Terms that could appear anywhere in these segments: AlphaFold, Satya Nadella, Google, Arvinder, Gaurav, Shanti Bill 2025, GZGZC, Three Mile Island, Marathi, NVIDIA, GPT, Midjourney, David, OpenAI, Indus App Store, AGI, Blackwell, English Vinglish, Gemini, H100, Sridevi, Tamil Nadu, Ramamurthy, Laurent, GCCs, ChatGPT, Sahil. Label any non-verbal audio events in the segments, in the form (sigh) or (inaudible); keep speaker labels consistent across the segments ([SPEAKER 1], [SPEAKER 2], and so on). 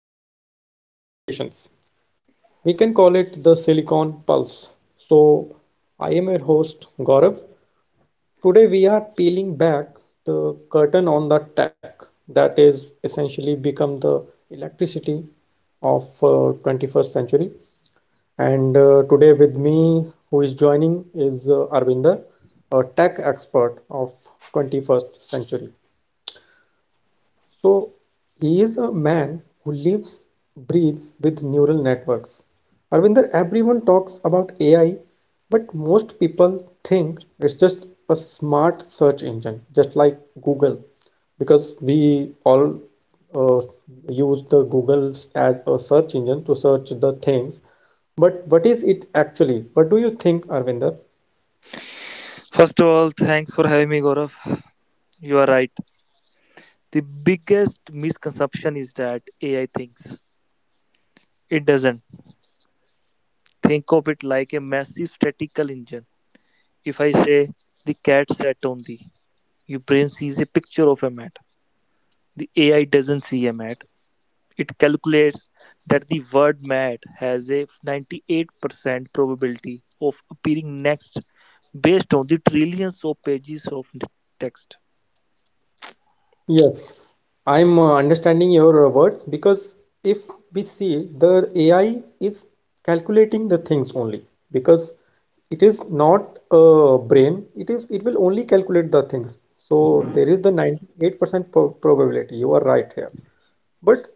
[SPEAKER 1] and real world applications. We can call it the Silicon Pulse. So, I am your host, Gaurav. Today, we are peeling back the curtain on the tech that is essentially become the electricity of 21st century, and today with me, who is joining, is Arvinder, a tech expert of 21st century. So he is a man who lives, breathes with neural networks. Arvinder, everyone talks about AI, but most people think it's just a smart search engine, just like Google, because we all uh, use the Google as a search engine to search the things. But what is it actually? What do you think, Arvinder?
[SPEAKER 2] First of all, thanks for having me, Gaurav. You are right. The biggest misconception is that AI thinks. It doesn't. Think of it like a massive statical engine. If I say the cat sat on the, your brain sees a picture of a mat. The AI doesn't see a mat. It calculates that the word mat has a 98% probability of appearing next based on the trillions of pages of text.
[SPEAKER 1] Yes, I'm understanding your words, because if we see, the AI is calculating the things only because it is not a brain, it will only calculate the things. So there is the 98% probability. You are right here. But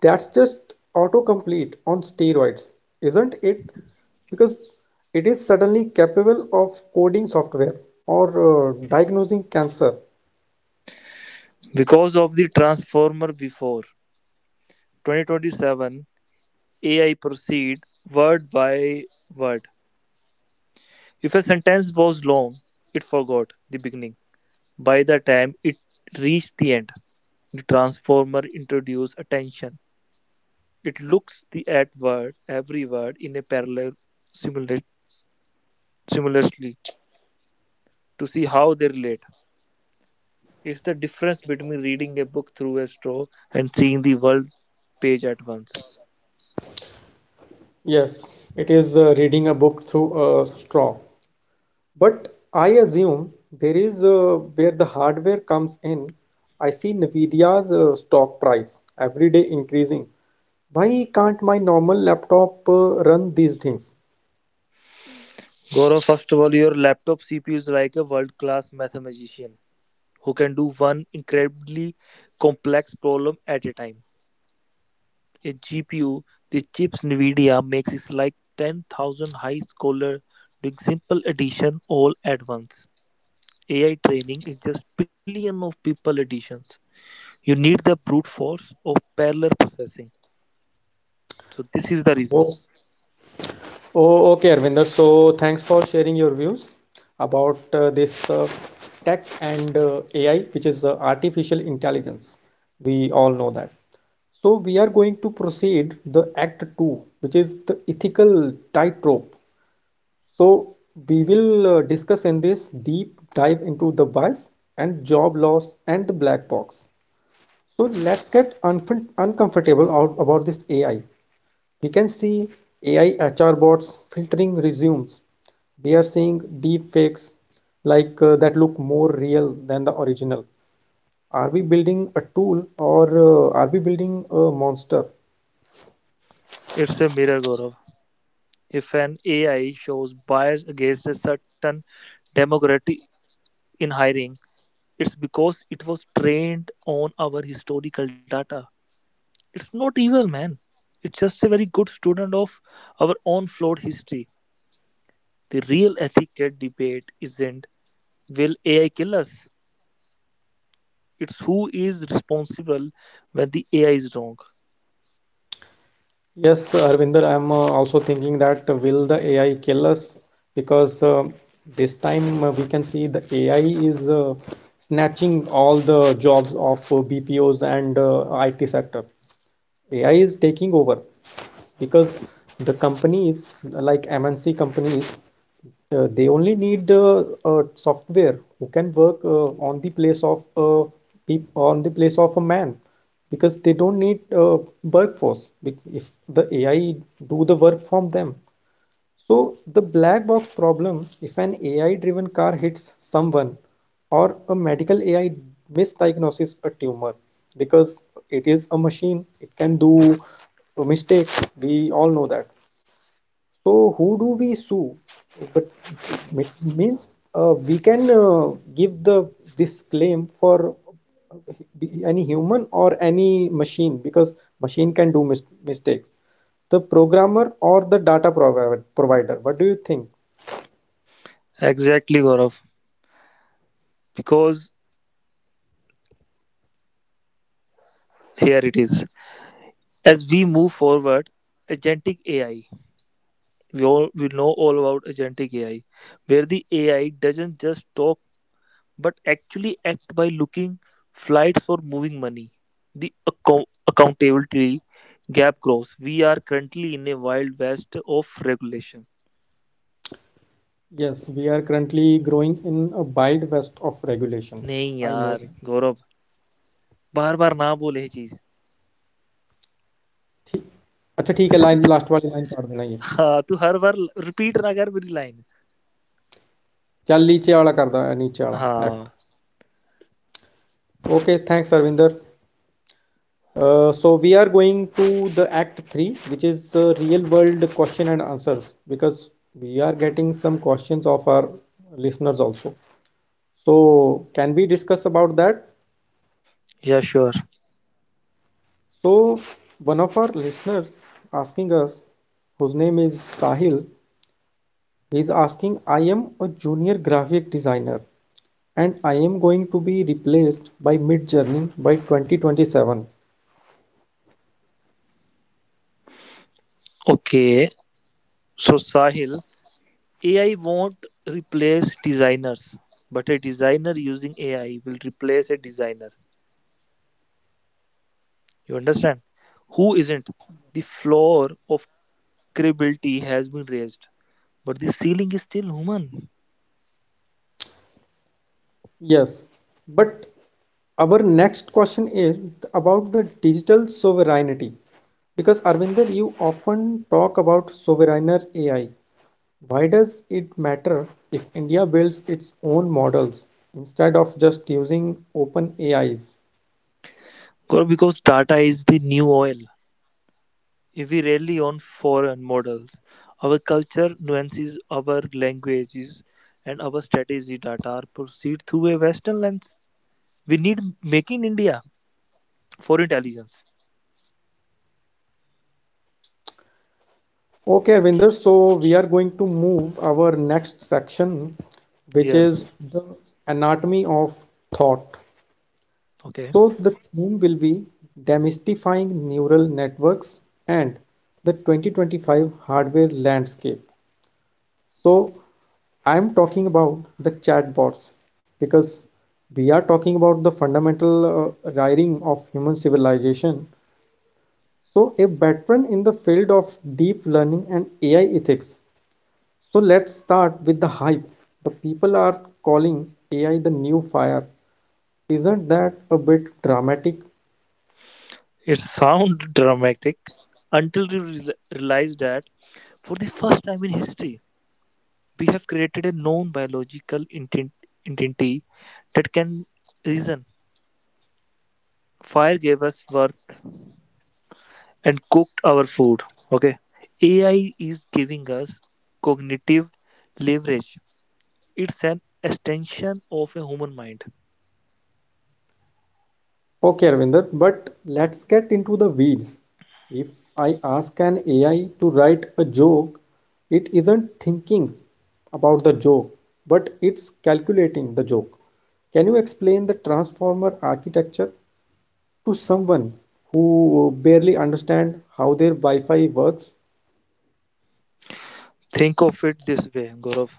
[SPEAKER 1] that's just autocomplete on steroids, isn't it? Because it is suddenly capable of coding software or diagnosing cancer.
[SPEAKER 2] Because of the transformer before. 2027 AI proceed word by word. If a sentence was long, it forgot the beginning. By the time it reached the end, the transformer introduced attention. It looks the at word every word in a parallel simula- simultaneously to see how they relate. It's the difference between reading a book through a straw and seeing the world page at once.
[SPEAKER 1] Yes, it is reading a book through a straw. But I assume there is where the hardware comes in. I see Nvidia's stock price every day increasing. Why can't my normal laptop run these things?
[SPEAKER 2] Gaurav, first of all, your laptop CPU is like a world-class mathematician who can do one incredibly complex problem at a time. A GPU, the chips NVIDIA makes is like 10,000 high scholar doing simple addition all at once. AI training is just billion of people additions. You need the brute force of parallel processing. So this is the reason.
[SPEAKER 1] Whoa. Oh, okay, Arvinder. So, thanks for sharing your views about this tech and AI, which is artificial intelligence. We all know that. So, we are going to proceed the Act 2, which is the ethical tightrope. So, we will discuss in this deep dive into the bias and job loss and the black box. So, let's get unf uncomfortable out about this AI. We can see AI HR bots filtering resumes. We are seeing deep fakes like that look more real than the original. Are we building a tool, or are we building a monster?
[SPEAKER 2] It's a mirror, Gaurav. If an AI shows bias against a certain demographic in hiring, it's because it was trained on our historical data. It's not evil, man. It's just a very good student of our own flawed history. The real ethical debate isn't will AI kill us? It's who is responsible when the AI is wrong.
[SPEAKER 1] Yes, Arvinder, I'm also thinking that will the AI kill us? Because this time we can see the AI is snatching all the jobs of BPOs and IT sector. AI is taking over, because the companies like MNC companies, they only need software who can work on the place of on the place of a man, because they don't need workforce if the AI do the work from them. So, the black box problem, if an AI driven car hits someone or a medical AI misdiagnoses a tumor, because it is a machine, it can do a mistake, we all know that. So who do we sue? But it means we can give the this claim for any human or any machine, because machine can do mistakes. The programmer or the provider. What do you think?
[SPEAKER 2] Exactly, Gaurav. Because here it is. As we move forward, agentic AI. We know all about agentic AI, where the AI doesn't just talk but actually act by looking flights for moving money. The accountability gap grows. We are currently in a wild west of regulation.
[SPEAKER 1] Yes, we are currently growing in a wild west of regulation.
[SPEAKER 2] नहीं
[SPEAKER 1] I know
[SPEAKER 2] यार
[SPEAKER 1] that.
[SPEAKER 2] गौरव बार बार ना बोले ये चीज (laughs)
[SPEAKER 1] अच्छा ठीक है line
[SPEAKER 2] तो,
[SPEAKER 1] लास्ट वाली लाइन काट देना ये
[SPEAKER 2] हाँ तू हर बार रिपीट ना कर मेरी लाइन
[SPEAKER 1] चल नीचे वाला कर दो नीचे वाला एक्ट
[SPEAKER 2] हाँ
[SPEAKER 1] okay thanks Arvinder. So we are going to the Act 3, which is real world question and answers, because we are getting some questions of our listeners also. So can we discuss about that?
[SPEAKER 2] या sure
[SPEAKER 1] So one of our listeners asking us, whose name is Sahil, he is asking, I am a junior graphic designer and I am going to be replaced by Midjourney by 2027.
[SPEAKER 2] Okay so Sahil AI (laughs) won't replace designers, but a designer using AI will replace a designer. You understand? Who isn't? The floor of credibility has been raised, but this feeling is still human.
[SPEAKER 1] Yes, but our next question is about the digital sovereignty. Because Arvinder, you often talk about sovereign AI. Why does it matter if India builds its own models instead of just using open AIs?
[SPEAKER 2] Because Tata is the new oil. If we rely on foreign models, our culture nuances, our languages, and our strategy data are perceived through a Western lens. We need Make in India for intelligence.
[SPEAKER 1] Okay, Arvinder, so we are going to move our next section, which
[SPEAKER 2] Yes,
[SPEAKER 1] is the anatomy of thought.
[SPEAKER 2] okay.
[SPEAKER 1] So the theme will be demystifying neural networks and the 2025 hardware landscape. So I'm talking about the chatbots, because we are talking about the fundamental rearing of human civilization. So a veteran in the field of deep learning and AI ethics. So let's start with the hype. The people are calling AI the new fire. Isn't that a bit dramatic?
[SPEAKER 2] It sounds (laughs) dramatic until we realize that for the first time in history, we have created a non biological identity that can reason. Fire gave us worth and cooked our food. Okay. AI is giving us cognitive leverage. It's an extension of a human mind.
[SPEAKER 1] Okay, Arvinder, but let's get into the weeds. If I ask an AI to write a joke, it isn't thinking about the joke, but it's calculating the joke. Can you explain the transformer architecture to someone who barely understand how their Wi-Fi works?
[SPEAKER 2] Think of it this way, Gaurav.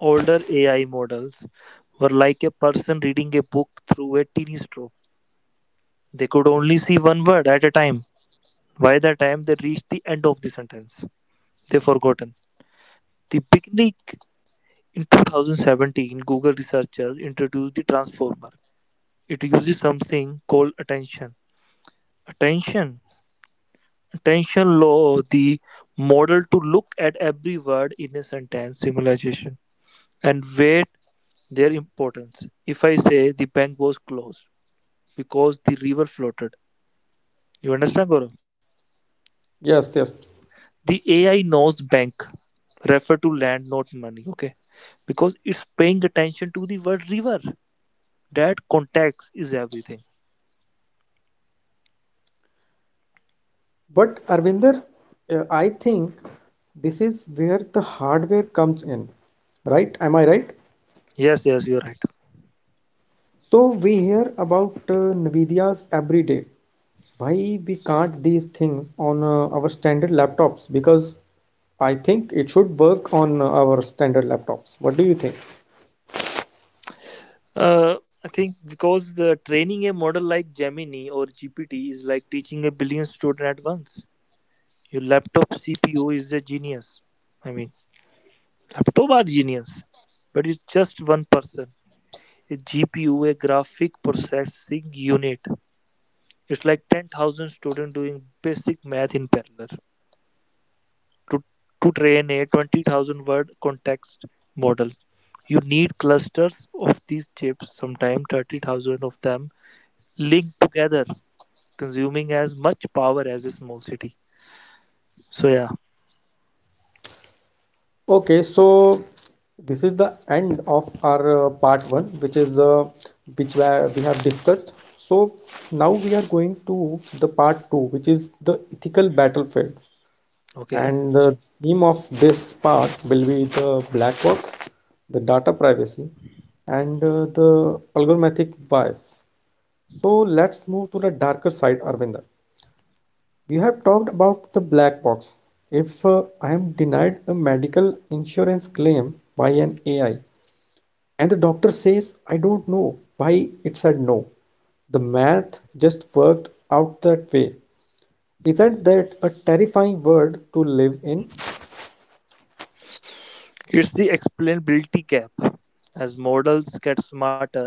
[SPEAKER 2] Older AI models were like a person reading a book through a teeny straw. They could only see one word at a time. By the time they reached the end of the sentence, they forgotten. The beginning in 2017, Google researchers introduced the transformer, it uses something called attention. Attention. Attention law, the model to look at every word in a sentence symbolization and weight their importance. If I say the bank was closed because the river floated, you understand, Gaurav?
[SPEAKER 1] Yes, yes.
[SPEAKER 2] The AI knows bank, refer to land, not money, okay? Because it's paying attention to the word river. That context is everything.
[SPEAKER 1] But Arvinder, I think this is where the hardware comes in, right? Am I right?
[SPEAKER 2] Yes, yes, you're right.
[SPEAKER 1] So we hear about Nvidia's every day. Why we can't these things on our standard laptops? Because I think it should work on our standard laptops. What do you think?
[SPEAKER 2] Uh, I think because the training a model like Gemini or GPT is like teaching a billion student at once. Your laptop CPU is a genius. I mean, laptop are genius, but it's just one person. A GPU, a graphic processing unit. It's like 10,000 students doing basic math in parallel. To, to train a 20,000 word context model, you need clusters of these chips, sometimes 30,000 of them, linked together consuming as much power as a small city. So, yeah,
[SPEAKER 1] Okay, so this is the end of our part one, which we have discussed. So now we are going to the part two, which is the ethical battlefield.
[SPEAKER 2] okay.
[SPEAKER 1] And the theme of this part will be the black box, the data privacy, and the algorithmic bias. So let's move to the darker side, Arvinder. You have talked about the black box. If I am denied a medical insurance claim by an AI and the doctor says, I don't know why it said no, the math just worked out that way. Isn't that a terrifying world to live in?
[SPEAKER 2] It's the explainability gap. As models get smarter,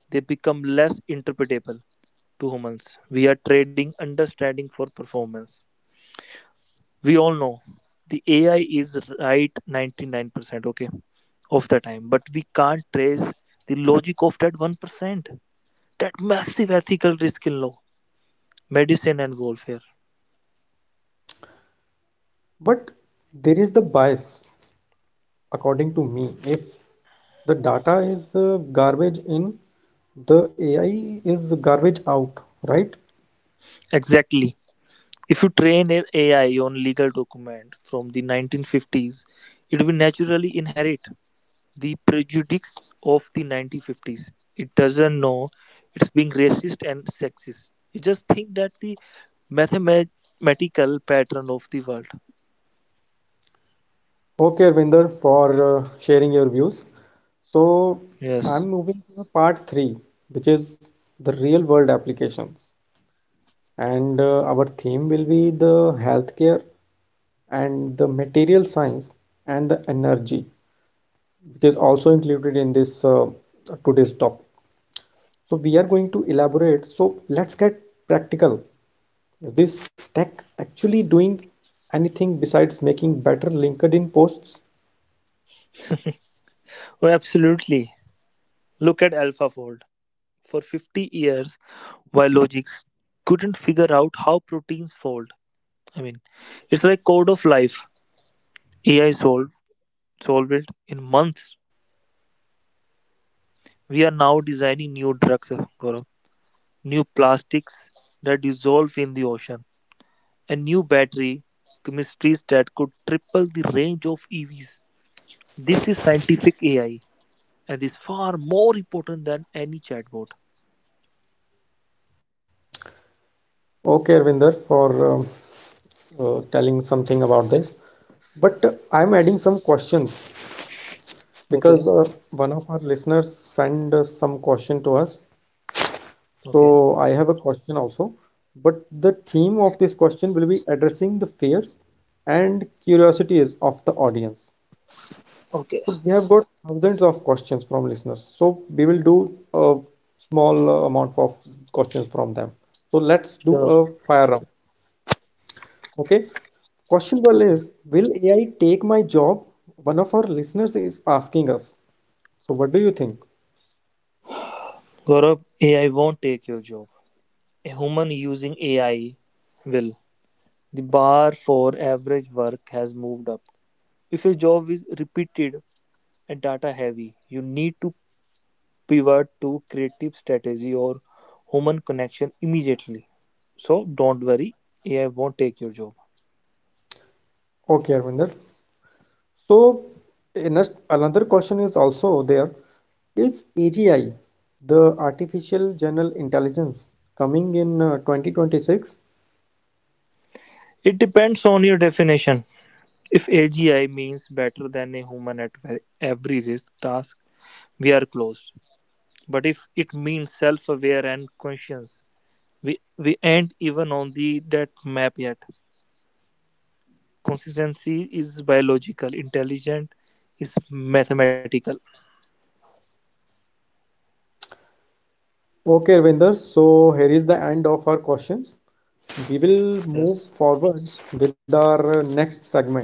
[SPEAKER 2] they become less interpretable to humans. We are trading understanding for performance. We all know the AI is right 99%, okay, of the time, but we can't trace the logic of that 1%, that massive ethical risk in law, medicine, and warfare.
[SPEAKER 1] But there is the bias, according to me. If the data is garbage in, the AI is garbage out, right?
[SPEAKER 2] Exactly. If you train an AI on legal document from the 1950s, it will naturally inherit the prejudice of the 1950s. It doesn't know it's being racist and sexist. It just think that the mathematical pattern of the world.
[SPEAKER 1] Okay, Arvinder, for sharing your views. So
[SPEAKER 2] Yes.
[SPEAKER 1] I'm moving to the part three, which is the real world applications. And our theme will be the healthcare and the material science and the energy, which is also included in this today's topic. So we are going to elaborate. So let's get practical. Is this tech actually doing anything besides making better LinkedIn posts?
[SPEAKER 2] Oh, absolutely. Look at AlphaFold. For 50 years, biologics couldn't figure out how proteins fold. I mean, it's like code of life. AI solved it in months. We are now designing new drugs, Gaurav, new plastics that dissolve in the ocean, and new battery chemistries that could triple the range of EVs. This is scientific AI and is far more important than any chatbot.
[SPEAKER 1] Okay, Arvinder, for telling something about this. But I'm adding some questions
[SPEAKER 2] Okay,
[SPEAKER 1] because one of our listeners sent us some question to us.
[SPEAKER 2] okay,
[SPEAKER 1] So I have a question also. But the theme of this question will be addressing the fears and curiosities of the audience.
[SPEAKER 2] okay,
[SPEAKER 1] So we have got thousands of questions from listeners. So we will do a small amount of questions from them. So let's do
[SPEAKER 2] sure.
[SPEAKER 1] a fire round. Okay. Question one
[SPEAKER 2] Okay.
[SPEAKER 1] is, will AI take my job? One of our listeners is asking us. So what do you think?
[SPEAKER 2] Gaurav, AI won't take your job. A human using AI will. The bar for average work has moved up. If your job is repeated and data heavy, you need to pivot to creative strategy or human connection immediately. So don't worry, AI won't take your job.
[SPEAKER 1] Okay, Arvinder. So another question is also there. Is AGI, the artificial general intelligence, coming in 2026?
[SPEAKER 2] It depends on your definition. If AGI means better than a human at every risk task, we are closed. But if it means self-aware and conscious, we ain't even on the that map yet. Consistency is biological, intelligent is mathematical.
[SPEAKER 1] Okay, Ravinder. So here is the end of our questions. We will move
[SPEAKER 2] Yes.
[SPEAKER 1] forward with our next segment,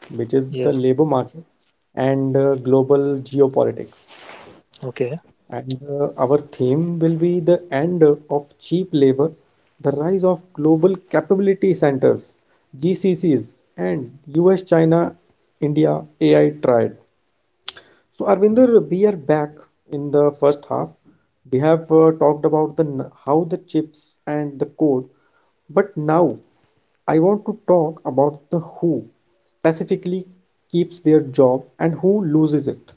[SPEAKER 1] which is the
[SPEAKER 2] Yes.
[SPEAKER 1] labor market and global geopolitics.
[SPEAKER 2] Okay.
[SPEAKER 1] And our theme will be the end of cheap labor, the rise of global capability centers, GCCs, and US, China, India AI triad. So, Arvinder, we are back in the first half. We have talked about how the chips and the code, but now I want to talk about the who specifically keeps their job and who loses it.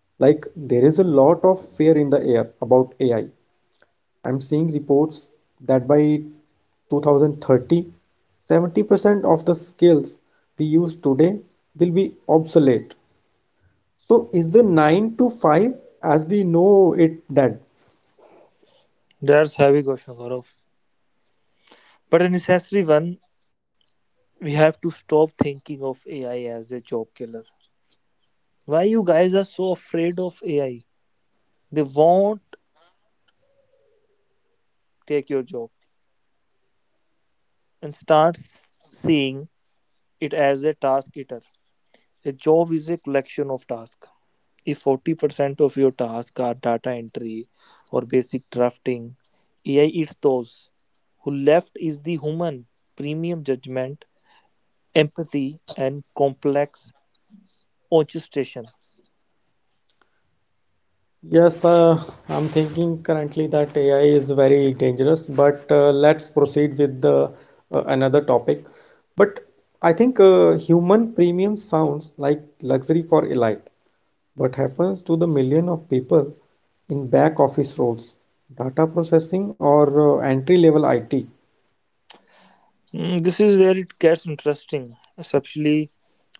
[SPEAKER 1] Like, there is a lot of fear in the air about AI. I'm seeing reports that by 2030, 70% of the skills we use today will be obsolete. So is the 9 to 5 as we know it dead?
[SPEAKER 2] That's heavy question, Gaurav, but a necessary one. We have to stop thinking of AI as a job killer. Why you guys are so afraid of AI? They won't take your job and start seeing it as a task eater. A job is a collection of tasks. If 40% of your tasks are data entry or basic drafting, AI eats those. Who left is the human, premium judgment, empathy, and complex orchestration.
[SPEAKER 1] Yes, I'm thinking currently that AI is very dangerous, but let's proceed with the another topic. But I think human premium sounds like luxury for elite. What happens to the million of people in back office roles, data processing, or entry level IT?
[SPEAKER 2] This is where it gets interesting, especially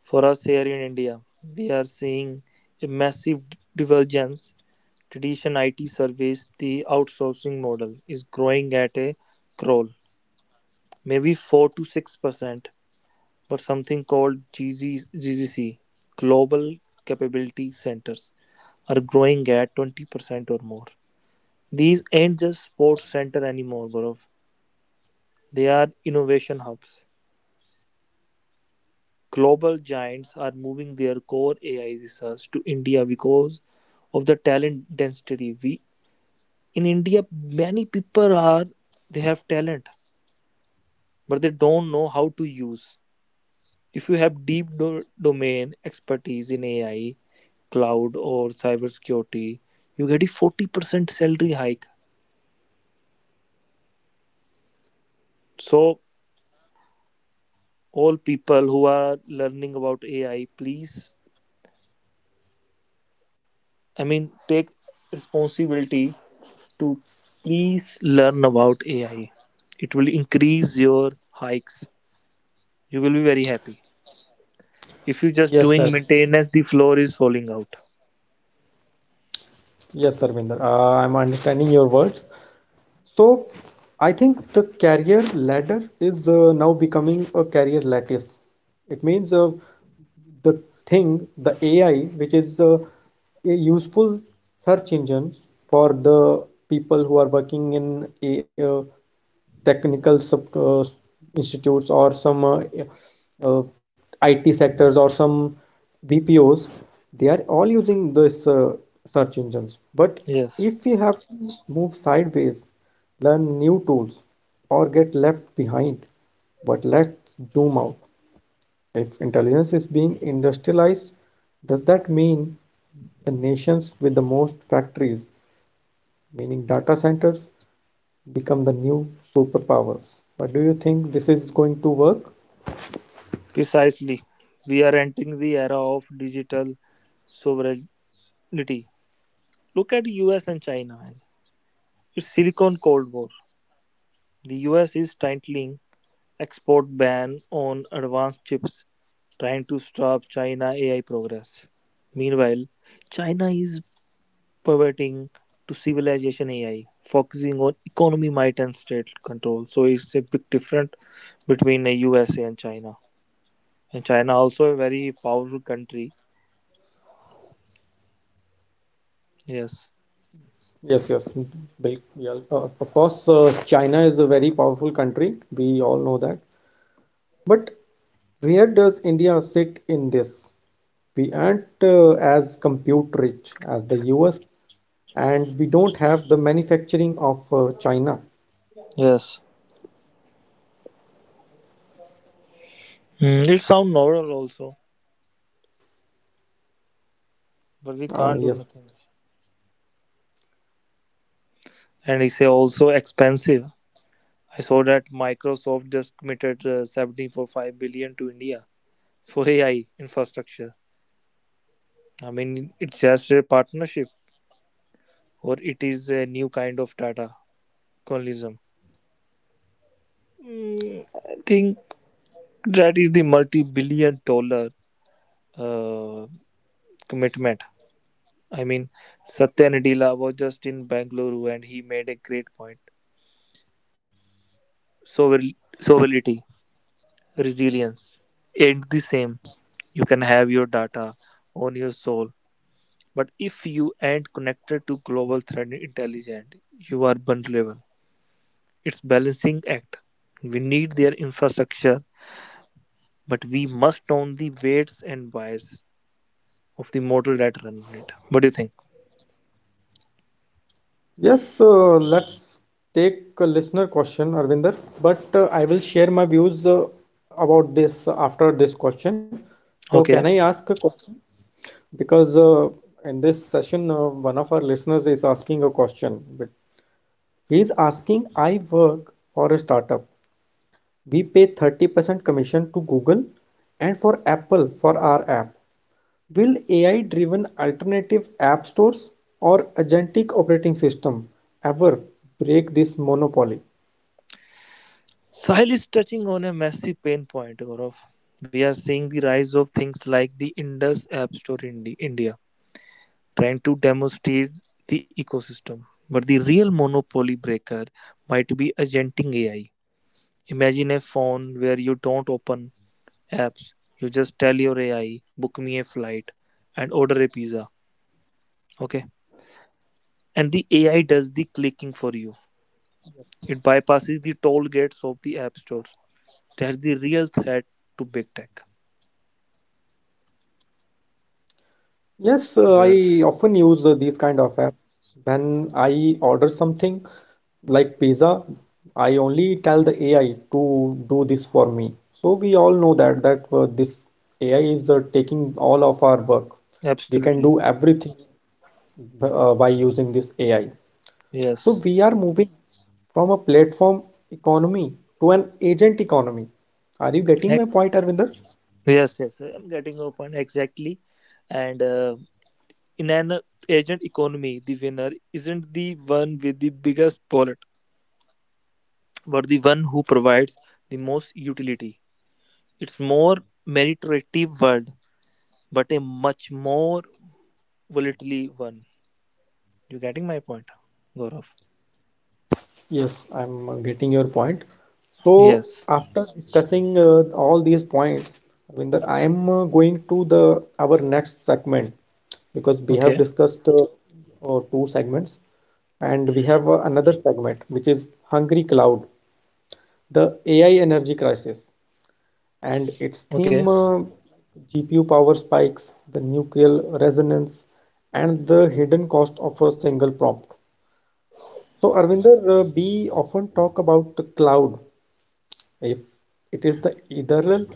[SPEAKER 2] for us here in India. We are seeing a massive divergence. Tradition IT service, the outsourcing model, is growing at a crawl, maybe 4 to 6%, but something called GZGZC, Global Capability Centers, are growing at 20% or more. These ain't just sports center anymore, Gaurav. They are innovation hubs. Global giants are moving their core AI research to India because of the talent density. We in India, many people are they have talent, but they don't know how to use. If you have deep domain expertise in AI, cloud, or cybersecurity, you get a 40% salary hike. So all people who are learning about AI, please, I mean, take responsibility to please learn about AI. It will increase your hikes. You will be very happy. If you are just
[SPEAKER 1] Yes, sir.
[SPEAKER 2] doing maintenance, the floor is falling out.
[SPEAKER 1] Vinder. I'm understanding your words. So I think the career ladder is now becoming a career lattice. It means the the AI, which is a useful search engines for the people who are working in a, technical institutes or some uh, IT sectors or some BPOs, they are all using this search engines. But
[SPEAKER 2] Yes,
[SPEAKER 1] if you have to move sideways, learn new tools, or get left behind. But let's zoom out. If intelligence is being industrialized, does that mean the nations with the most factories, meaning data centers, become the new superpowers? But do you think this is going to work?
[SPEAKER 2] precisely. We are entering the era of digital sovereignty. Look at US and China. Man. It's Silicon Cold War. The US is tightening export ban on advanced chips, trying to stop China AI progress. Meanwhile, China is pivoting to civilization AI, focusing on economy, might, and state control. So it's a big difference between the USA and China. And China also a very powerful country. Yes,
[SPEAKER 1] Yes, yes. Yeah, of course, China is a very powerful country. We all know that. But where does India sit in this? We aren't as compute rich as the US, and we don't have the manufacturing of China.
[SPEAKER 2] yes. It sound novel also, but we can't do
[SPEAKER 1] Yes.
[SPEAKER 2] nothing. And it's also expensive. I saw that Microsoft just committed 74.5 billion to India for AI infrastructure. I mean, it's just a partnership, or it is a new kind of data colonialism. I think that is the multi-billion dollar uh, commitment. I mean, Satya Nadella was just in Bangalore and he made a great point. Sovereignty, resilience, ain't the same. You can have your data on your soul, but if you ain't connected to global threat intelligence, you are vulnerable. It's balancing act. We need their infrastructure, but we must own the weights and bias of the mortal that run on it. What do you think?
[SPEAKER 1] Yes, let's take a listener question, Arvinder, but I will share my views about this after this question. So, can I
[SPEAKER 2] Okay.
[SPEAKER 1] ask a question? Because in this session, one of our listeners is asking a question. But he is asking, I work for a startup. We pay 30% commission to Google and for Apple for our app. Will AI-driven alternative app stores or agentic operating system ever break this monopoly?
[SPEAKER 2] Sahil is touching on a massive pain point, Gaurav. We are seeing the rise of things like the Indus App Store in India, trying to demonstrate the ecosystem. But the real monopoly breaker might be agenting AI. Imagine a phone where you don't open apps, you just tell your AI, book me a flight and order a pizza. Okay. And the AI does the clicking for you. It bypasses the toll gates of the app store. That's the real threat to big tech.
[SPEAKER 1] Yes, I often use these
[SPEAKER 2] Yes,
[SPEAKER 1] kind of apps. When I order something like pizza, I only tell the AI to do this for me. So we all know that this AI is taking all of our work. We can do
[SPEAKER 2] absolutely.
[SPEAKER 1] everything by using this AI. So
[SPEAKER 2] Yes,
[SPEAKER 1] we are moving from a platform economy to an agent economy. Are you getting my
[SPEAKER 2] Ex-
[SPEAKER 1] point, Arvinder?
[SPEAKER 2] yes, yes. I'm getting your point exactly. And in an agent economy, the winner isn't the one with the biggest wallet, but the one who provides the most utility. It's more meritocratic world, but a much more volatile one. You getting my point, Gaurav?
[SPEAKER 1] Yes, I'm getting your point. So
[SPEAKER 2] Yes.
[SPEAKER 1] after discussing all these points, Arvinder, I am going to the our next segment because we have
[SPEAKER 2] Okay.
[SPEAKER 1] discussed two segments and we have another segment which is Hungry Cloud, the AI energy crisis, and its
[SPEAKER 2] Okay.
[SPEAKER 1] theme GPU power spikes, the nuclear resonance, and the hidden cost of a single prompt. So, Arvinder, we often talk about the cloud if it is the ethereal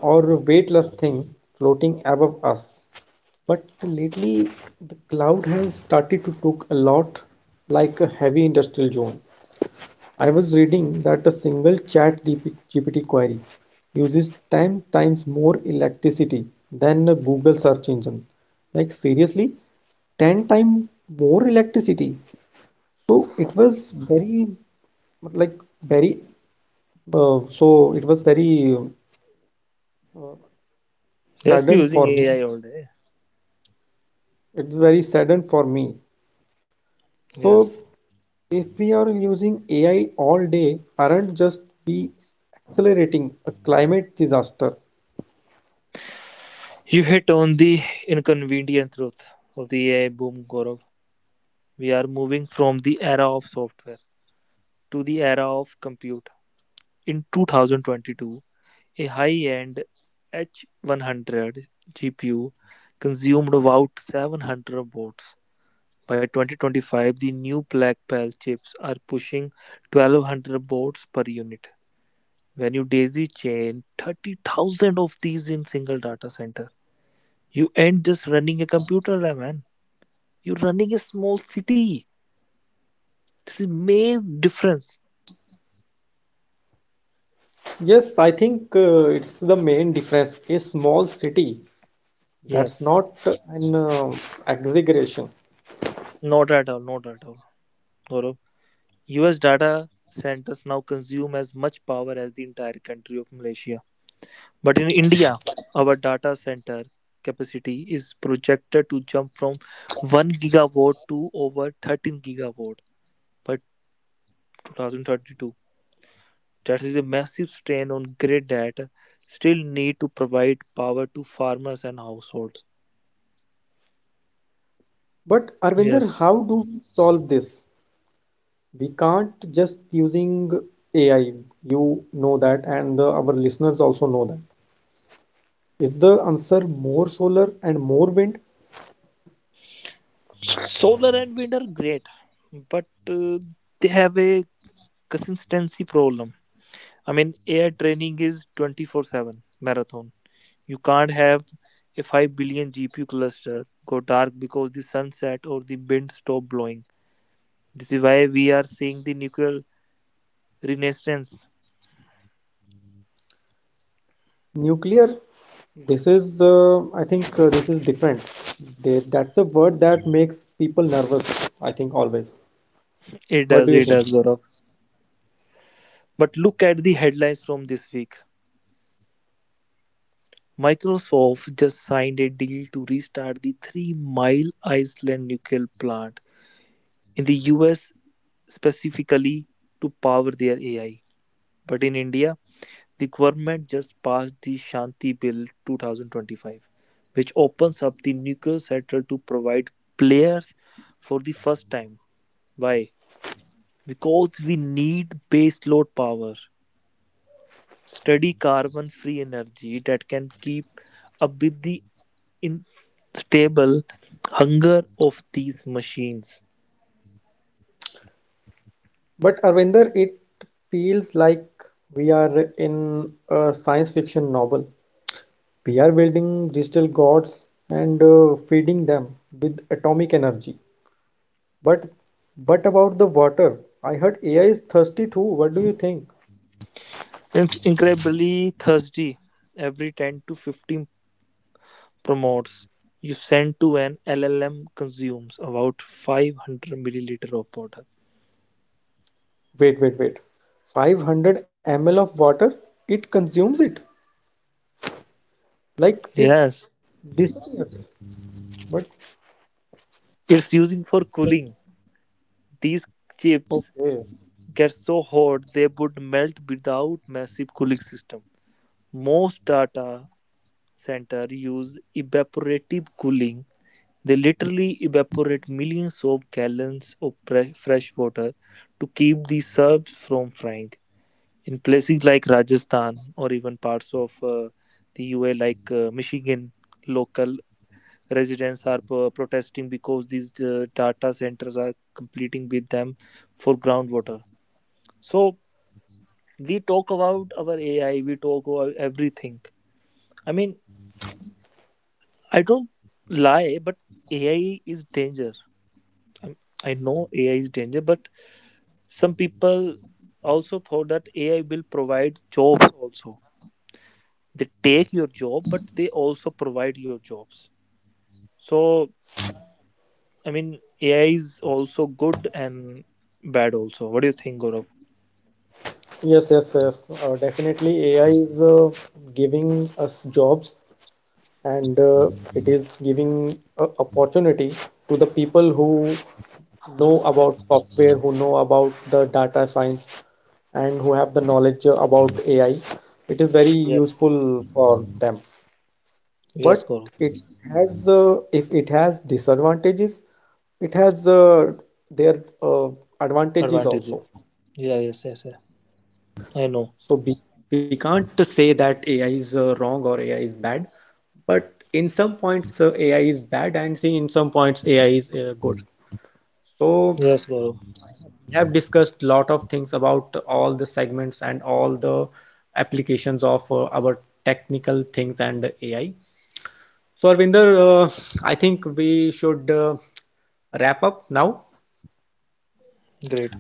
[SPEAKER 1] or weightless thing floating above us. But lately, the cloud has started to look a lot like a heavy industrial zone. I was reading that a single Chat GPT query uses 10 times more electricity than a Google search engine. Like, seriously, 10 times more electricity. So it was very, like, very, so it was very
[SPEAKER 2] Just be
[SPEAKER 1] saddened for
[SPEAKER 2] using
[SPEAKER 1] me.
[SPEAKER 2] AI all day.
[SPEAKER 1] It's very saddened for me. So
[SPEAKER 2] Yes.
[SPEAKER 1] if we are using AI all day, aren't just we accelerating a climate disaster?
[SPEAKER 2] You hit on the inconvenient truth of the AI boom, Gaurav. We are moving from the era of software to the era of compute. In 2022, a high end H100 GPU consumed about 700 watts. By 2025, the new Blackwell chips are pushing 1200 watts per unit. When you daisy chain 30,000 of these in single data center, you end just running a computer, eh, man. You're running a small city. This is main difference.
[SPEAKER 1] Yes, I think it's the main difference. A small city, that's
[SPEAKER 2] Yes,
[SPEAKER 1] not an exaggeration.
[SPEAKER 2] not at all, not at all. Gaurav, US data centers now consume as much power as the entire country of Malaysia. But in India, our data center capacity is projected to jump from 1 gigawatt to over 13 gigawatt by 2032. That is a massive strain on grid that still need to provide power to farmers and households.
[SPEAKER 1] But Arvinder,
[SPEAKER 2] Yes.
[SPEAKER 1] how do we solve this? We can't just using AI. You know that, and our listeners also know that. Is the answer more solar and more wind?
[SPEAKER 2] Solar and wind are great, but they have a consistency problem. I mean, air training is 24/7 marathon. You can't have a 5 billion GPU cluster go dark because the sunset or the wind stop blowing. This is why we are seeing the nuclear renaissance.
[SPEAKER 1] Nuclear? This is, I think, this is different. That's a word that makes people nervous, I think, always. What do you
[SPEAKER 2] It
[SPEAKER 1] think?
[SPEAKER 2] does, Gaurav. But look at the headlines from this week. Microsoft just signed a deal to restart the Three Mile Island nuclear plant in the US specifically to power their AI. But in India, the government just passed the Shanti Bill 2025, which opens up the nuclear sector to provide players for the first time. Why? Because we need baseload power, steady carbon free energy that can keep up with the unstable hunger of these machines.
[SPEAKER 1] But Arvinder, it feels like we are in a science fiction novel. We are building digital gods and feeding them with atomic energy. But about the water, I heard AI is thirsty too. What do you think?
[SPEAKER 2] It's incredibly thirsty every 10 to 15 promotes, you send to an LLM consumes about 500 milliliter of water.
[SPEAKER 1] Wait, wait, wait. 500 ml of water, it consumes it. Like it
[SPEAKER 2] Yes,
[SPEAKER 1] disappears. But
[SPEAKER 2] it's using for cooling. These chips
[SPEAKER 1] okay.
[SPEAKER 2] get so hot they would melt without massive cooling system. Most data center use evaporative cooling. They literally evaporate millions of gallons of fresh water to keep the serves from frying. In places like Rajasthan or even parts of the UA like Michigan, local residents are protesting because these data centers are competing with them for groundwater. So we talk about our AI, we talk about everything. I mean, I don't lie, but AI is danger. i I know AI is danger, but some people also thought that AI will provide jobs also they take your job but they also provide your jobs so I mean AI is also good and bad also what do you think, Gaurav?
[SPEAKER 1] Yes, yes, yes. Definitely AI is giving us jobs, and it is giving a opportunity to the people who know about software, who know about the data science, and who have the knowledge about AI. It is very
[SPEAKER 2] Yes,
[SPEAKER 1] useful for them.
[SPEAKER 2] yes,
[SPEAKER 1] But
[SPEAKER 2] Gaurav.
[SPEAKER 1] it has, if it has disadvantages, it has their advantages
[SPEAKER 2] Advantages,
[SPEAKER 1] also.
[SPEAKER 2] yeah, yes, yes, yes. I know.
[SPEAKER 1] So we can't say that AI is wrong or AI is bad, but in some points AI is bad and in some points AI is good. So
[SPEAKER 2] Yes, Gaurav.
[SPEAKER 1] we have discussed a lot of things about all the segments and all the applications of our technical things and AI. So Arvinder, I think we should wrap up now,
[SPEAKER 2] Great.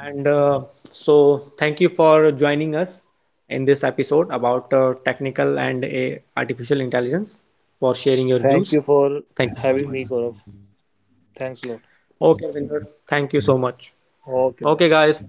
[SPEAKER 1] and so thank you for joining us in this episode about technical and artificial intelligence for sharing your
[SPEAKER 2] Thank
[SPEAKER 1] views.
[SPEAKER 2] you for
[SPEAKER 1] Thank you so much.
[SPEAKER 2] having me, Gaurav. Thanks a lot.
[SPEAKER 1] Okay, Ravinder. Thank you so much.
[SPEAKER 2] Okay,
[SPEAKER 1] Okay,
[SPEAKER 2] bye.
[SPEAKER 1] guys.